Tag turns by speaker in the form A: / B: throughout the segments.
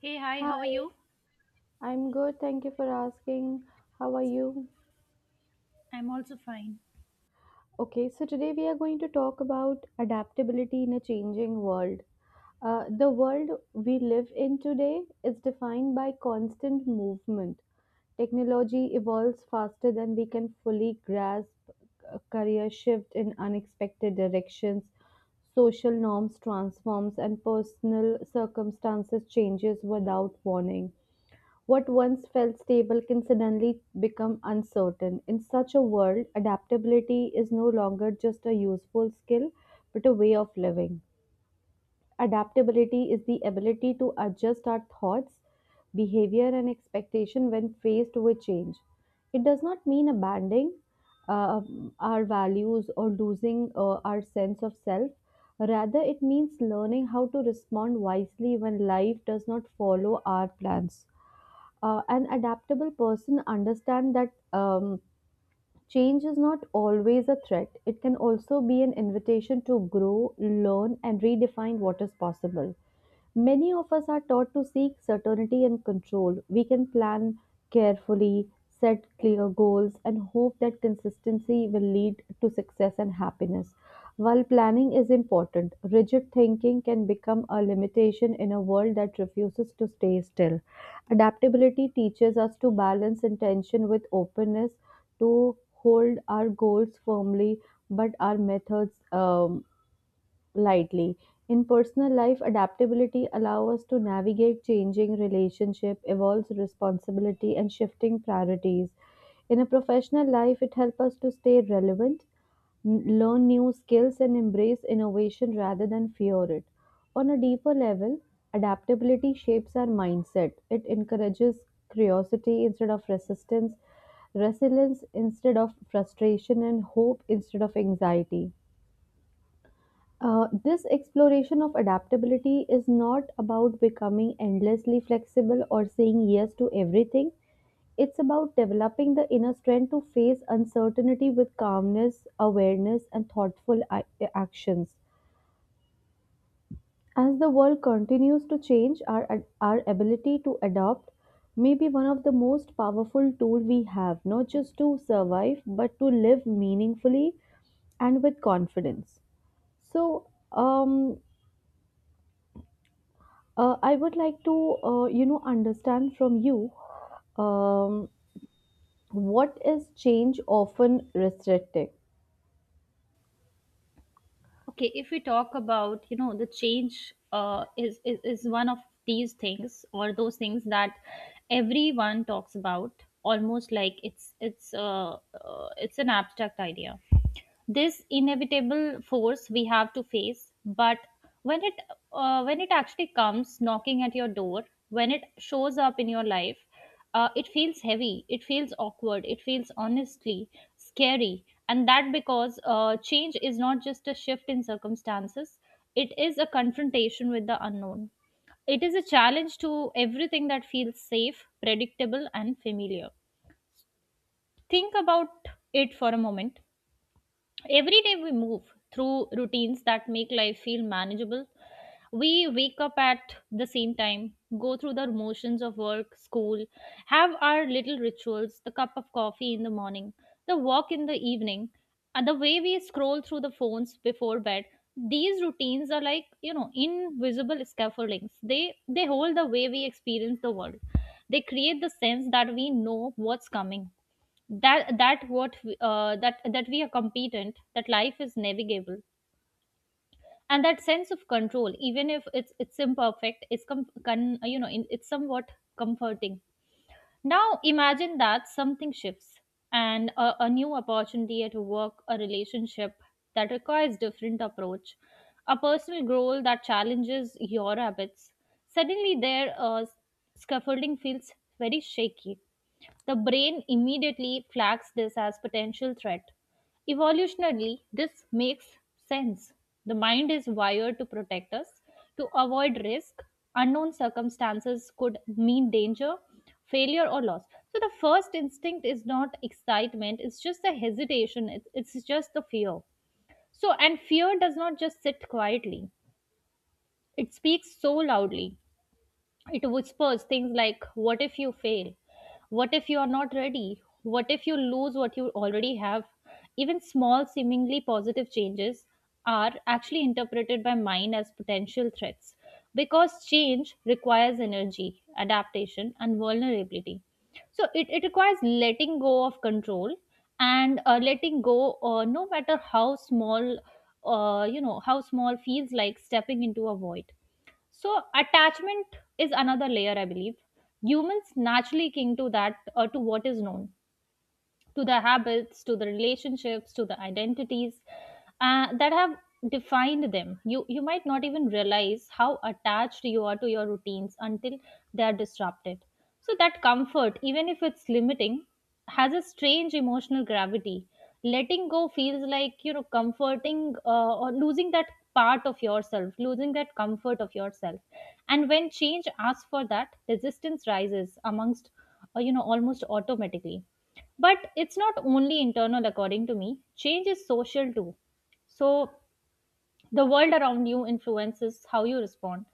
A: Hey, hi, how are
B: Hi,
A: you?
B: I'm good. Thank you for asking. How are you?
A: I'm also fine.
B: Okay, so today we are going to talk about adaptability in a changing world. The world we live in today is defined by constant movement. Technology evolves faster than we can fully grasp, a career shift in unexpected directions, social norms transforms, and personal circumstances changes without warning. What once felt stable can suddenly become uncertain. In such a world, adaptability is no longer just a useful skill, but a way of living. Adaptability is the ability to adjust our thoughts, behavior, and expectation when faced with change. It does not mean abandoning uh, our values or losing our sense of self. Rather, it means learning how to respond wisely when life does not follow our plans. An adaptable person understand that change is not always a threat, it can also be an invitation to grow, learn, and redefine what is possible. Many of us are taught to seek certainty and control. We can plan carefully, set clear goals, and hope that consistency will lead to success and happiness. While planning is important, rigid thinking can become a limitation in a world that refuses to stay still. Adaptability teaches us to balance intention with openness, to hold our goals firmly, but our methods lightly. In personal life, adaptability allows us to navigate changing relationship, evolves responsibility, and shifting priorities. In a professional life, it helps us to stay relevant, learn new skills, and embrace innovation rather than fear it. On a deeper level, adaptability shapes our mindset. It encourages curiosity instead of resistance, resilience instead of frustration, and hope instead of anxiety. This exploration of adaptability is not about becoming endlessly flexible or saying yes to everything. It's about developing the inner strength to face uncertainty with calmness, awareness, and thoughtful actions. As the world continues to change, our ability to adapt may be one of the most powerful tools we have, not just to survive, but to live meaningfully and with confidence. So, I would like to, understand from you, um, what is change often restricting?
A: Okay, if we talk about, you know, the change is one of these things or those things that everyone talks about almost like it's an abstract idea, this inevitable force we have to face. But when it, when it actually comes knocking at your door, when it shows up in your life, it feels heavy, it feels awkward, it feels honestly scary. And that because change is not just a shift in circumstances, it is a confrontation with the unknown, it is a challenge to everything that feels safe, predictable, and familiar. Think about it for a moment. Every day we move through routines that make life feel manageable. We wake up at the same time, go through the motions of work, school, have our little rituals, the cup of coffee in the morning, the walk in the evening, and the way we scroll through the phones before bed. These routines are like, you know, invisible scaffoldings. They hold the way we experience the world. They create the sense that we know what's coming, that we are competent, that life is navigable, and that sense of control, even if it's imperfect, is you know, it's somewhat comforting. Now imagine that something shifts, and a new opportunity at work, a relationship that requires different approach, a personal goal that challenges your habits. Suddenly their scaffolding feels very shaky. The brain immediately flags this as potential threat. Evolutionarily, this makes sense. The mind is wired to protect us, to avoid risk. Unknown circumstances could mean danger, failure, or loss. So the first instinct is not excitement, it's just the hesitation, it's just the fear. So, and fear does not just sit quietly, it speaks so loudly. It whispers things like, "What if you fail? What if you are not ready? What if you lose what you already have?" Even small, seemingly positive changes are actually interpreted by mind as potential threats, because change requires energy, adaptation, and vulnerability. So it requires letting go of control, and letting go, no matter how small, you know, how small, feels like stepping into a void. So attachment is another layer, I believe. Humans naturally cling to that, or to what is known, to the habits, to the relationships, to the identities that have defined them. You might not even realize how attached you are to your routines until they are disrupted. So that comfort, even if it's limiting, has a strange emotional gravity. Letting go feels like, you know, comforting, or losing that part of yourself, losing that comfort of yourself. And when change asks for that, resistance rises amongst, you know, almost automatically. But it's not only internal, according to me. Change is social too. So the world around you influences how you respond.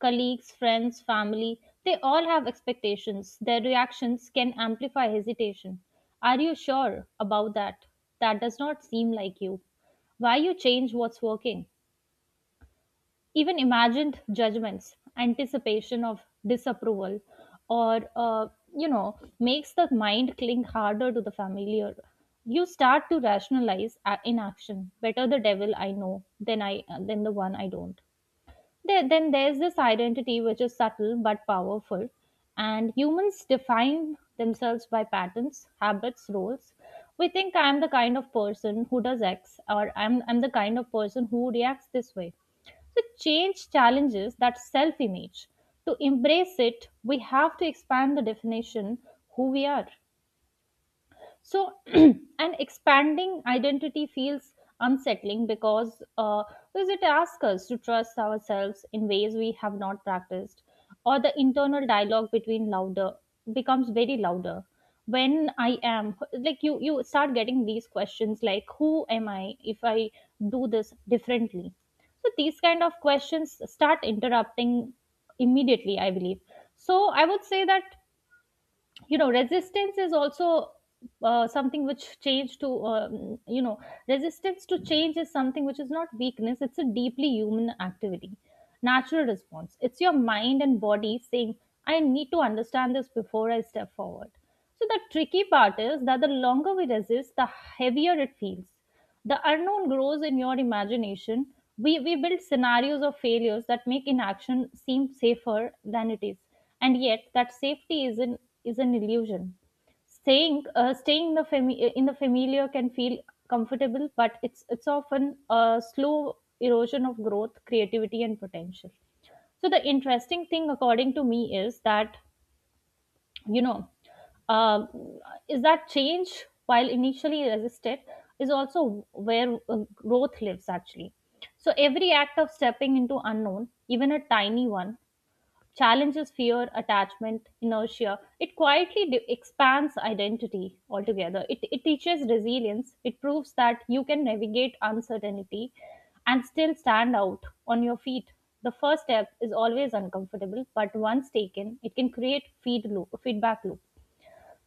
A: Colleagues, friends, family, they all have expectations. Their reactions can amplify hesitation. Are you sure about that? That does not seem like you. Why you change what's working? Even imagined judgments, anticipation of disapproval, or you know, makes the mind cling harder to the familiar. You start to rationalize inaction. Better the devil I know than I than the one I don't. Then there's this identity which is subtle but powerful, and humans define themselves by patterns, habits, roles. We think, I'm the kind of person who does X, or I'm the kind of person who reacts this way. So, change challenges that self image. To embrace it, we have to expand the definition who we are. So an expanding identity feels unsettling because it asks us to trust ourselves in ways we have not practiced. Or the internal dialogue between louder becomes very louder. When I am, like, you start getting these questions like, who am I if I do this differently? So these kind of questions start interrupting immediately, I believe. So I would say that, you know, resistance is also something which change to you know resistance to change is something which is not weakness, it's a deeply human activity, natural response. It's your mind and body saying, I need to understand this before I step forward. So the tricky part is that the longer we resist, the heavier it feels. The unknown grows in your imagination. We build scenarios of failures that make inaction seem safer than it is. And yet, that safety is an illusion. Staying in the in the familiar can feel comfortable, but it's often a slow erosion of growth, creativity, and potential. So the interesting thing according to me is that, you know, um, is that change, while initially resisted, is also where growth lives actually. So every act of stepping into unknown, even a tiny one, challenges fear, attachment, inertia. It quietly expands identity altogether. It teaches resilience. It proves that you can navigate uncertainty and still stand out on your feet. The first step is always uncomfortable, but once taken, it can create feedback loop.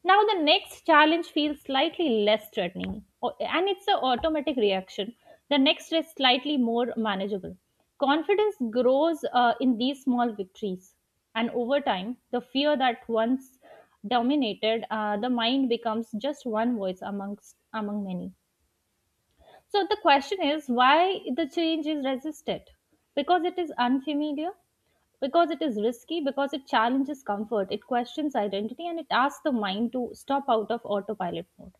A: Now the next challenge feels slightly less threatening and it's an automatic reaction. The next is slightly more manageable. Confidence grows in these small victories, and over time, the fear that once dominated the mind becomes just one voice among many. So the question is, why the change is resisted? Because it is unfamiliar, because it is risky, because it challenges comfort, it questions identity, and it asks the mind to stop out of autopilot mode.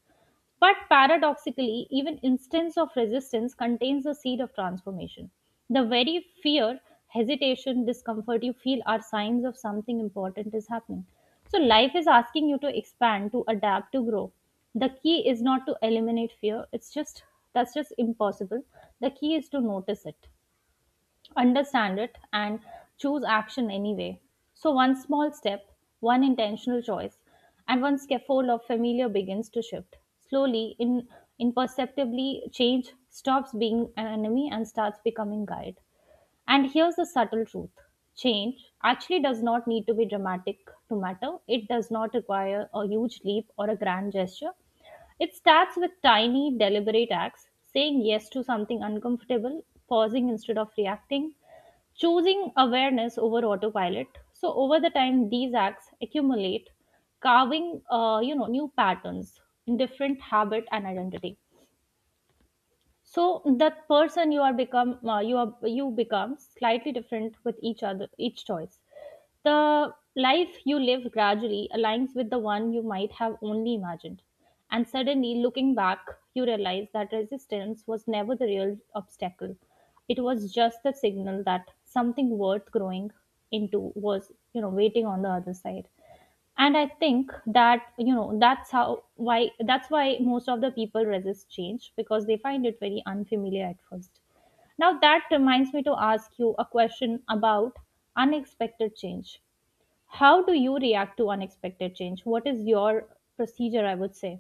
A: But paradoxically, even instance of resistance contains the seed of transformation. The very fear, hesitation, discomfort you feel are signs of something important is happening. So life is asking you to expand, to adapt, to grow. The key is not to eliminate fear. It's just that's just impossible. The key is to notice it, understand it, and choose action anyway. So, one small step, one intentional choice, and one scaffold of familiar begins to shift. Slowly, in imperceptibly, change stops being an enemy and starts becoming guide. And here's the subtle truth, change actually does not need to be dramatic to matter. It does not require a huge leap or a grand gesture. It starts with tiny, deliberate acts, saying yes to something uncomfortable, pausing instead of reacting, choosing awareness over autopilot. So, over the time, these acts accumulate, carving, you know, new patterns in different habit and identity. So that person you are you become slightly different with each choice. The life you live gradually aligns with the one you might have only imagined, and suddenly, looking back, you realize that resistance was never the real obstacle, it was just the signal that something worth growing into was, you know, waiting on the other side. And I think that, you know, that's why most of the people resist change, because they find it very unfamiliar at first. Now that reminds me to ask you a question about unexpected change. How do you react to unexpected change? What is your procedure, I would say?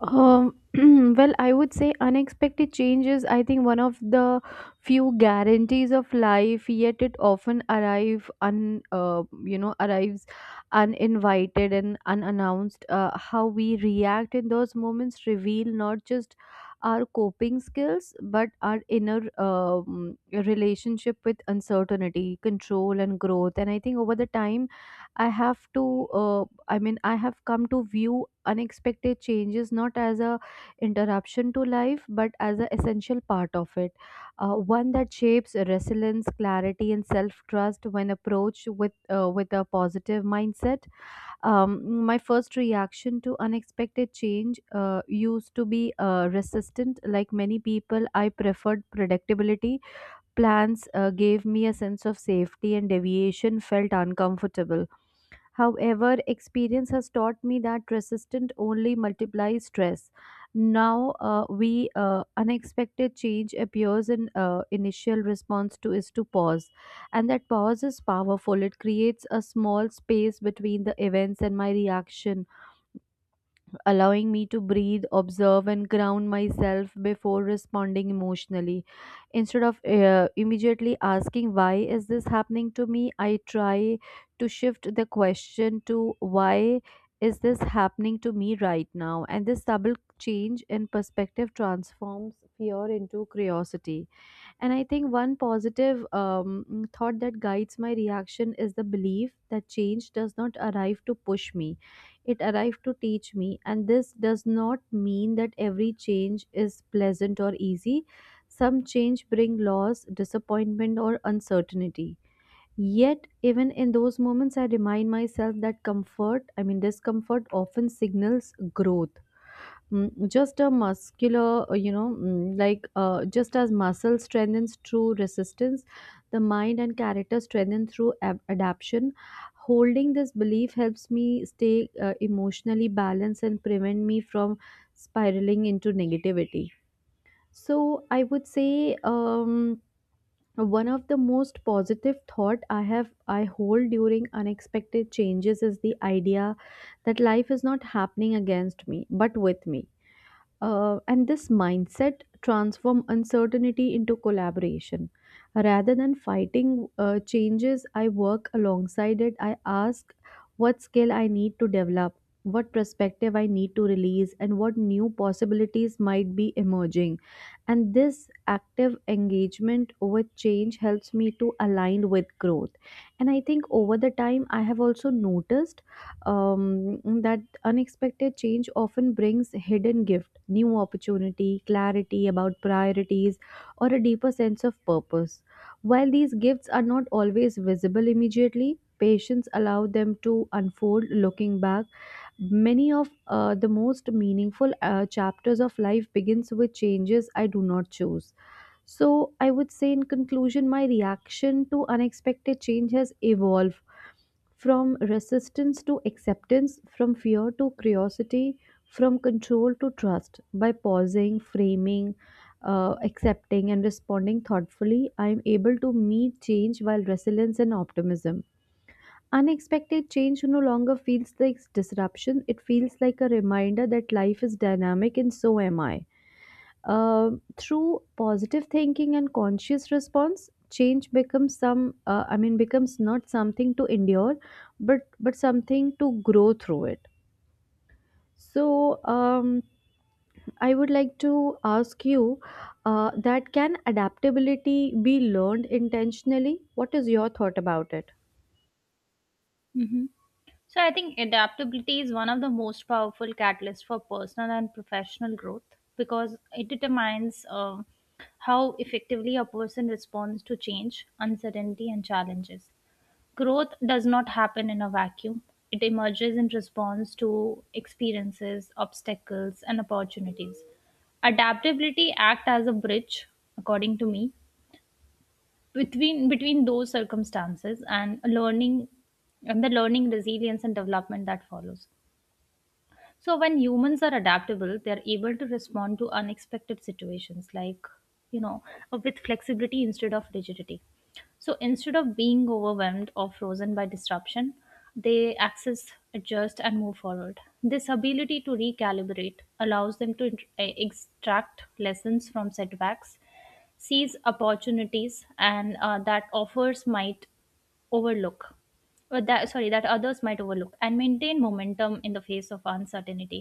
B: Um, well, I would say unexpected changes. I think one of the few guarantees of life, yet it often arrives uninvited and unannounced. How we react in those moments reveal not just our coping skills, but our inner relationship with uncertainty, control, and growth. And I think, over the time, I have come to view unexpected changes not as a interruption to life, but as an essential part of it. One that shapes resilience, clarity, and self-trust when approached with with a positive mindset. My first reaction to unexpected change used to be resistant. Like many people, I preferred predictability. Plans gave me a sense of safety, and deviation felt uncomfortable. However, experience has taught me that resistance only multiplies stress. Now, we unexpected change appears in initial response to is to pause, and that pause is powerful. It creates a small space between the events and my reaction, allowing me to breathe, observe, and ground myself before responding emotionally. Instead of immediately asking, "Why is this happening to me?" I try to shift the question to, "Why is this happening to me right now?" And this double change in perspective transforms fear into curiosity. And I think one positive thought that guides my reaction is the belief that change does not arrive to push me, it arrives to teach me. And this does not mean that every change is pleasant or easy. Some change bring loss, disappointment, or uncertainty. Yet, even in those moments, I remind myself that discomfort often signals growth. Just as muscle strengthens through resistance, the mind and character strengthen through adaption. Holding this belief helps me stay emotionally balanced and prevent me from spiraling into negativity. So I would say, one of the most positive thought I hold during unexpected changes is the idea that life is not happening against me but with me. And this mindset transform uncertainty into collaboration. Rather than fighting changes, I work alongside it. I ask what skill I need to develop, what perspective I need to release, and what new possibilities might be emerging. And this active engagement with change helps me to align with growth. And I think, over the time, I have also noticed that unexpected change often brings hidden gift, new opportunity, clarity about priorities, or a deeper sense of purpose. While these gifts are not always visible immediately, patience allow them to unfold. Looking back, many of the most meaningful chapters of life begins with changes I do not choose. So, I would say, in conclusion, my reaction to unexpected change has evolved from resistance to acceptance, from fear to curiosity, from control to trust. By pausing, framing, accepting, and responding thoughtfully, I am able to meet change while resilience and optimism. Unexpected change no longer feels like disruption, it feels like a reminder that life is dynamic and so am I. Uh, through positive thinking and conscious response, change becomes not something to endure, but something to grow through it. So, I would like to ask you that can adaptability be learned intentionally? What is your thought about it?
A: So I think adaptability is one of the most powerful catalysts for personal and professional growth, because it determines how effectively a person responds to change, uncertainty, and challenges. Growth does not happen in a vacuum. It emerges in response to experiences, obstacles, and opportunities. Adaptability act as a bridge, according to me, between those circumstances and learning, and the learning, resilience, and development that follows. So when humans are adaptable, they're able to respond to unexpected situations, like, you know, with flexibility instead of rigidity. So instead of being overwhelmed or frozen by disruption, they access, adjust, and move forward. This ability to recalibrate allows them to extract lessons from setbacks, seize opportunities, and that offers might overlook or that sorry that others might overlook, and maintain momentum in the face of uncertainty.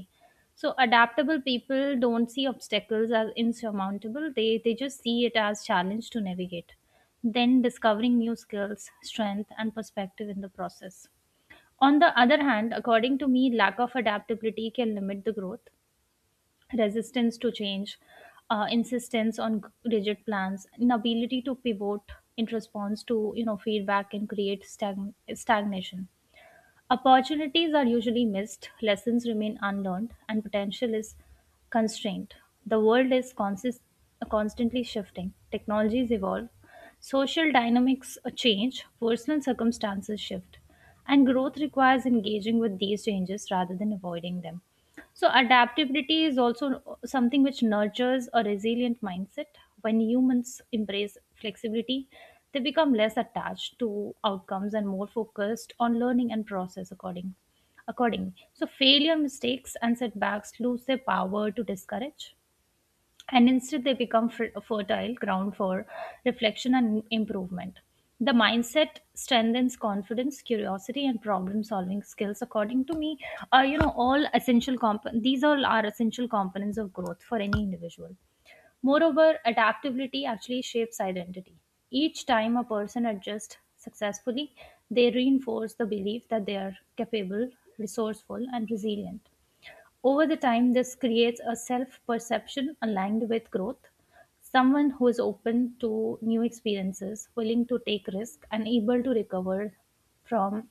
A: So adaptable people don't see obstacles as insurmountable, they just see it as challenge to navigate, then discovering new skills, strength, and perspective in the process. On the other hand, according to me, lack of adaptability can limit the growth. Resistance to change, insistence on rigid plans, inability to pivot in response to, you know, feedback, and create stagnation. Opportunities are usually missed, lessons remain unlearned, and potential is constrained. The world is constantly shifting. Technologies evolve, social dynamics change, personal circumstances shift, and growth requires engaging with these changes rather than avoiding them. So, adaptability is also something which nurtures a resilient mindset. When humans embrace flexibility, they become less attached to outcomes and more focused on learning and process accordingly. So, failure, mistakes, and setbacks lose their power to discourage, and instead they become fertile ground for reflection and improvement. The mindset strengthens confidence, curiosity, and problem-solving skills. According to me, these all are essential components of growth for any individual. Moreover, adaptability actually shapes identity. Each time a person adjusts successfully, they reinforce the belief that they are capable, resourceful, and resilient. Over the time, this creates a self perception aligned with growth. Someone who is open to new experiences, willing to take risks, and able to recover from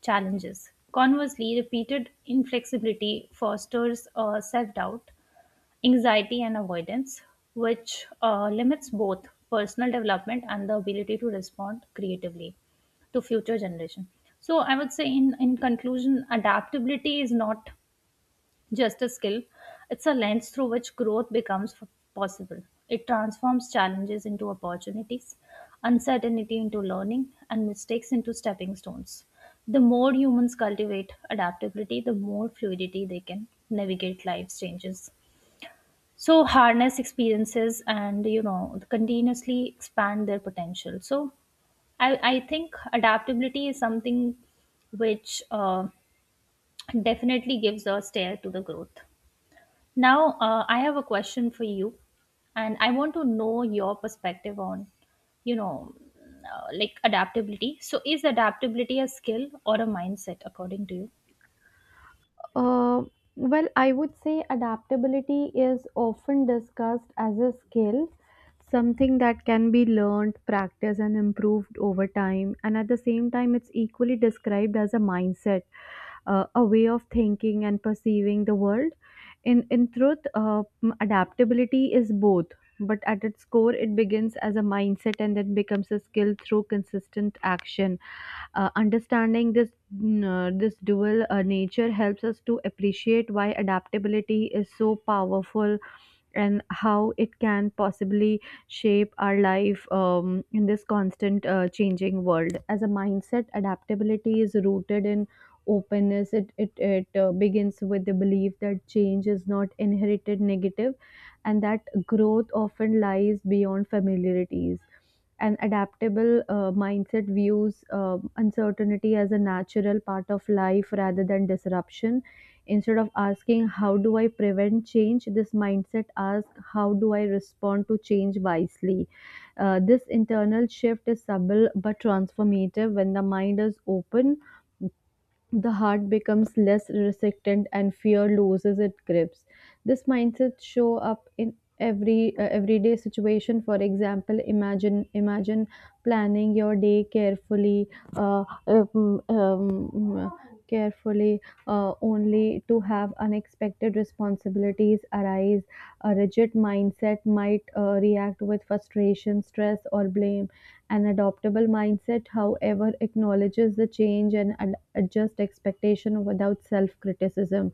A: challenges. Conversely, repeated inflexibility fosters self doubt, anxiety, and avoidance, which limits both personal development and the ability to respond creatively to future generation. So I would say, in conclusion, adaptability is not just a skill. It's a lens through which growth becomes possible. It transforms challenges into opportunities, uncertainty into learning, and mistakes into stepping stones. The more humans cultivate adaptability, the more fluidity they can navigate life's changes. So, harness experiences and, continuously expand their potential. So, I think adaptability is something which definitely gives a stare to the growth. Now, I have a question for you, and I want to know your perspective on, you know, like adaptability. So, is adaptability a skill or a mindset, according to you?
B: Uh, well, I would say adaptability is often discussed as a skill, something that can be learned, practiced, and improved over time. And at the same time, it's equally described as a mindset, a way of thinking and perceiving the world. In truth, adaptability is both, but at its core, it begins as a mindset and then becomes a skill through consistent action. Understanding this dual nature helps us to appreciate why adaptability is so powerful and how it can possibly shape our life in this constant changing world. As a mindset, adaptability is rooted in openness. It begins with the belief that change is not inherited negative and that growth often lies beyond familiarities. An adaptable mindset views uncertainty as a natural part of life rather than disruption. Instead of asking, "How do I prevent change?" this mindset asks, "How do I respond to change wisely?" This internal shift is subtle but transformative. When the mind is open, the heart becomes less resistant and fear loses its grips. This mindset show up in every everyday situation. For example, imagine planning your day uh, um, um, carefully, only to have unexpected responsibilities arise. A rigid mindset might react with frustration, stress, or blame. An adoptable mindset, however, acknowledges the change and adjust expectation without self criticism.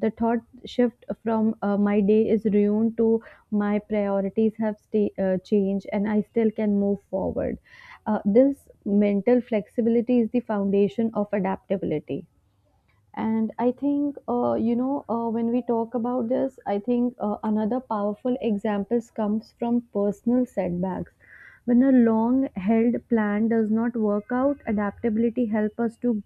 B: The thought shift from "my day is ruined" to "my priorities have changed and I still can move forward." This mental flexibility is the foundation of adaptability. And I think, when we talk about this, I think, another powerful examples comes from personal setbacks. When a long-held plan does not work out, adaptability help us to,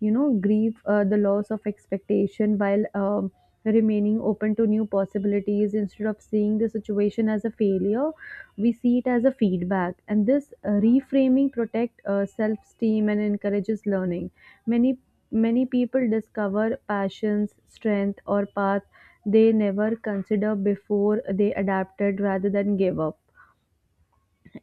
B: grieve the loss of expectation while remaining open to new possibilities. Instead of seeing the situation as a failure, we see it as a feedback. And this reframing protect self-esteem and encourages learning. many Many people discover passions, strength, or paths they never considered before they adapted rather than gave up.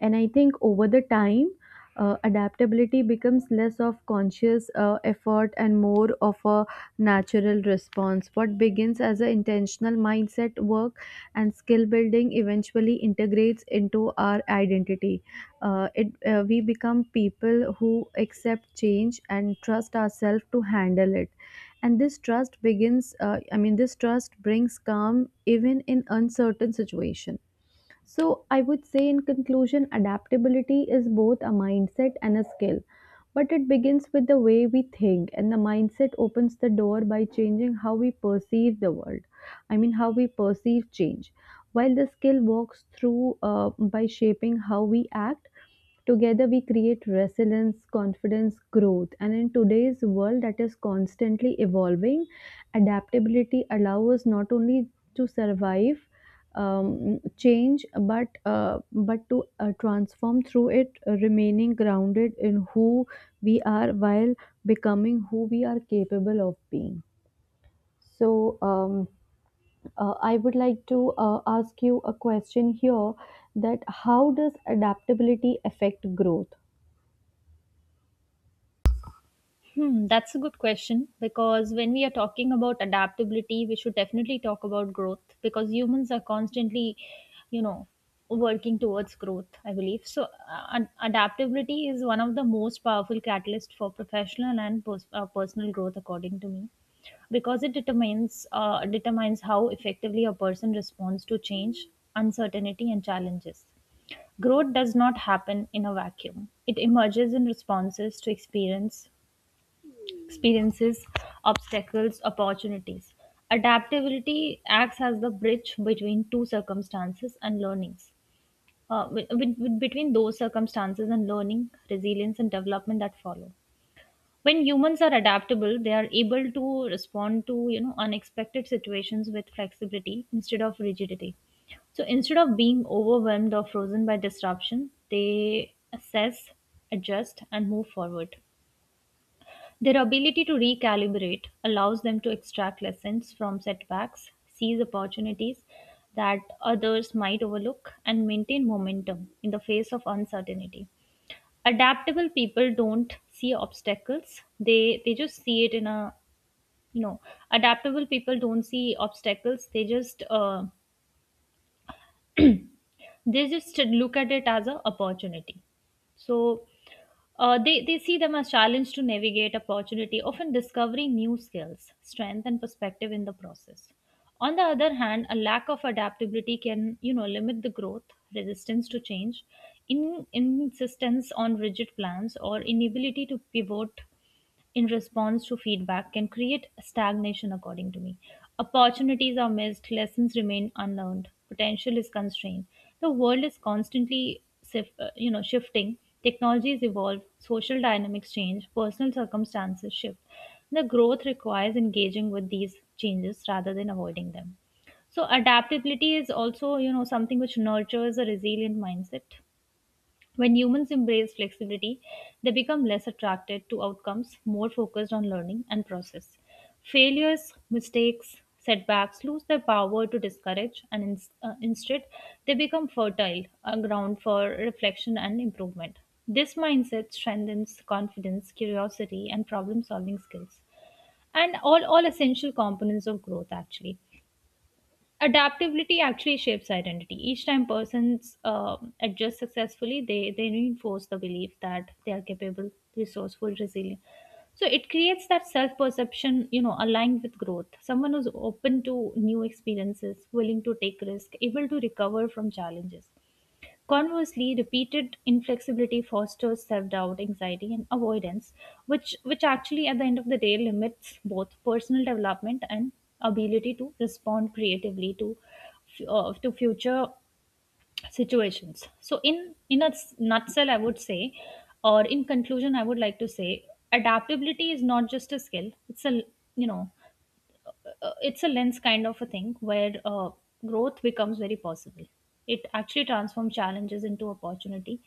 B: And I think, over the time, adaptability becomes less of conscious effort and more of a natural response. What begins as an intentional mindset work and skill building eventually integrates into our identity. We become people who accept change and trust ourselves to handle it. And this trust begins I mean this trust brings calm even in uncertain situation. So, I would say in conclusion, adaptability is both a mindset and a skill, but it begins with the way we think, and the mindset opens the door by changing how we perceive the world. I mean, how we perceive change, while the skill walks through by shaping how we act. Together we create resilience, confidence, growth. And in today's world that is constantly evolving, adaptability allows us not only to survive change, but to transform through it, remaining grounded in who we are while becoming who we are capable of being. So. I would like to ask you a question here, that how does adaptability affect growth?
A: Hmm, that's a good question because when we are talking about adaptability, we should definitely talk about growth because humans are constantly, you know, working towards growth, I believe. So, adaptability is one of the most powerful catalysts for professional and personal growth, according to me, because it determines how effectively a person responds to change, uncertainty, and challenges. Growth does not happen in a vacuum. It emerges in responses to experiences, obstacles, opportunities. Adaptability acts as the bridge between two circumstances and learnings. Uh, with- with- Between those circumstances and learning, resilience, and development that follow. When humans are adaptable, they are able to respond to, unexpected situations with flexibility instead of rigidity. So instead of being overwhelmed or frozen by disruption, they assess, adjust, and move forward. Their ability to recalibrate allows them to extract lessons from setbacks, seize opportunities that others might overlook, and maintain momentum in the face of uncertainty. Adaptable people don't see obstacles; they just see it in a you know adaptable people don't see obstacles. They just look at it as an opportunity. So they see them as challenge to navigate opportunity, often discovering new skills, strength, and perspective in the process. On the other hand, a lack of adaptability can, limit the growth, resistance to change, in insistence on rigid plans or inability to pivot in response to feedback, can create stagnation, according to me. Opportunities are missed, lessons remain unlearned, potential is constrained. The world is constantly shifting, technologies evolve, social dynamics change, personal circumstances shift. The growth requires engaging with these changes rather than avoiding them. So adaptability is also, something which nurtures a resilient mindset. When humans embrace flexibility, they become less attracted to outcomes, more focused on learning and process. Failures, mistakes, setbacks lose their power to discourage, and instead, they become fertile, a ground for reflection and improvement. This mindset strengthens confidence, curiosity, and problem solving skills, and all essential components of growth, actually. Adaptability actually shapes identity. Each time persons adjust successfully, they reinforce the belief that they are capable, resourceful, resilient. So it creates that self perception, aligned with growth. Someone who's open to new experiences, willing to take risk, able to recover from challenges. Conversely, repeated inflexibility fosters self-doubt, anxiety, and avoidance, which actually at the end of the day limits both personal development and ability to respond creatively to future situations. So, in a nutshell, I would say, or in conclusion, I would like to say, adaptability is not just a skill; it's a, you know it's a lens kind of a thing where growth becomes very possible. It actually transforms challenges into opportunity,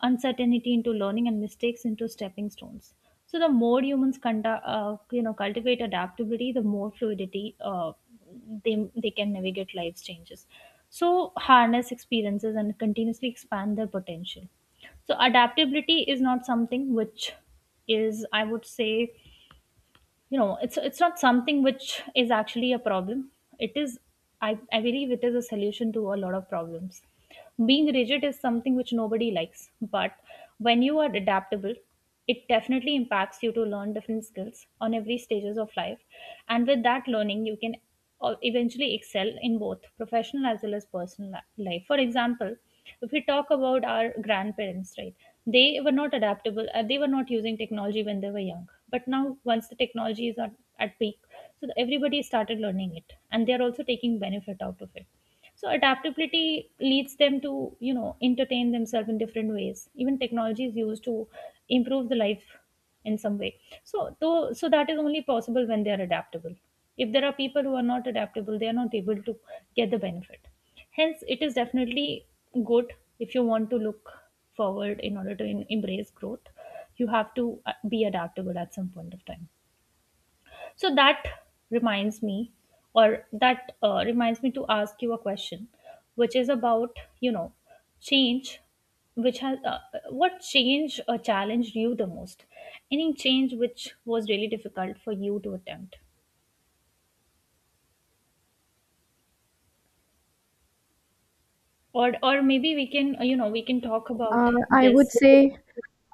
A: uncertainty into learning, and mistakes into stepping stones. So the more humans cultivate adaptability, the more fluidity they can navigate life's changes. So harness experiences and continuously expand their potential. So adaptability is not something which is, I would say, it's, not something which is actually a problem. It is, i I believe it is a solution to a lot of problems. Being rigid is something which nobody likes, but when you are adaptable, it definitely impacts you to learn different skills on every stages of life, and with that learning you can eventually excel in both professional as well as personal life. For example, if we talk about our grandparents, right, they were not adaptable, they were not using technology when they were young. But now, once the technology is at peak, so everybody started learning it and they are also taking benefit out of it. So, adaptability leads them to, entertain themselves in different ways. Even technology is used to improve the life in some way. So though so that is only possible when they are adaptable. If there are people who are not adaptable, they are not able to get the benefit. Hence it is definitely good. If you want to look forward in order to embrace growth, you have to be adaptable at some point of time. So that reminds me, or that reminds me to ask you a question, which is about, change, which has what change challenged you the most? Any change which was really difficult for you to attempt, or maybe we can, we can talk about
B: Uh, I would
A: this.
B: say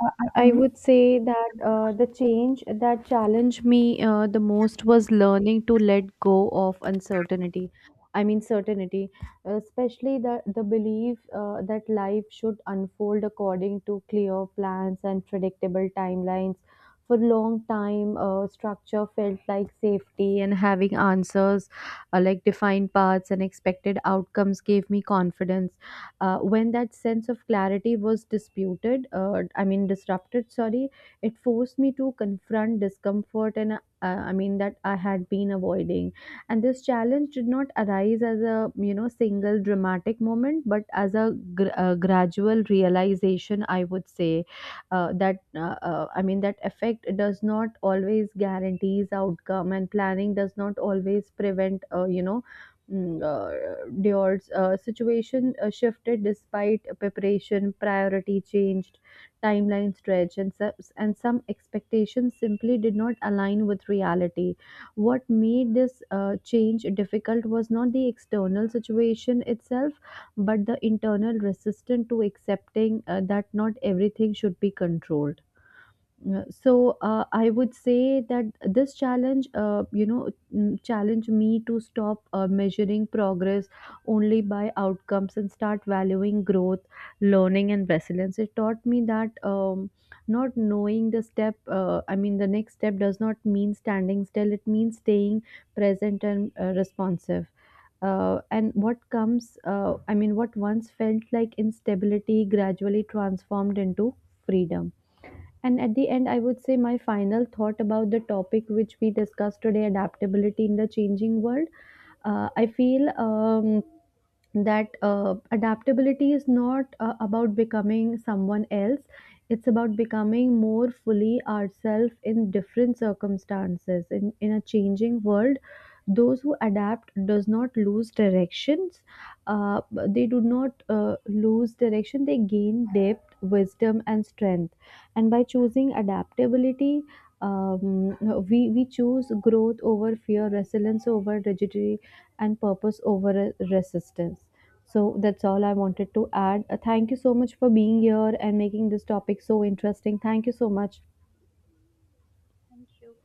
B: I
A: Hmm?
B: would say that the change that challenged me the most was learning to let go of uncertainty. I mean, certainty, especially the belief that life should unfold according to clear plans and predictable timelines. For long time, structure felt like safety, and having answers like defined paths and expected outcomes gave me confidence. When that sense of clarity was disputed, I mean disrupted, sorry, it forced me to confront discomfort and that I had been avoiding. And this challenge did not arise as a single dramatic moment, but as a gradual realization, I would say. That I mean that effect does not always guarantees outcome and planning does not always prevent. Dior's situation shifted despite preparation, priority changed, timeline stretched, and, and some expectations simply did not align with reality. What made this change difficult was not the external situation itself, but the internal resistance to accepting that not everything should be controlled. So, I would say that this challenge, challenge me to stop measuring progress only by outcomes and start valuing growth, learning, and resilience. It taught me that not knowing the next step does not mean standing still. It means staying present and responsive. And what comes, I mean, what once felt like instability gradually transformed into freedom. And at the end, I would say my final thought about the topic which we discussed today, adaptability in the changing world. I feel that adaptability is not about becoming someone else, it's about becoming more fully ourselves in different circumstances. In a changing world, those who adapt does not lose directions. uh, they do not lose direction, they gain depth, wisdom, and strength. And by choosing adaptability, um, we choose growth over fear, resilience over rigidity, and purpose over resistance. So that's all I wanted to add. Thank you so much for being here and making this topic so interesting. Thank you so much.
A: Thank you.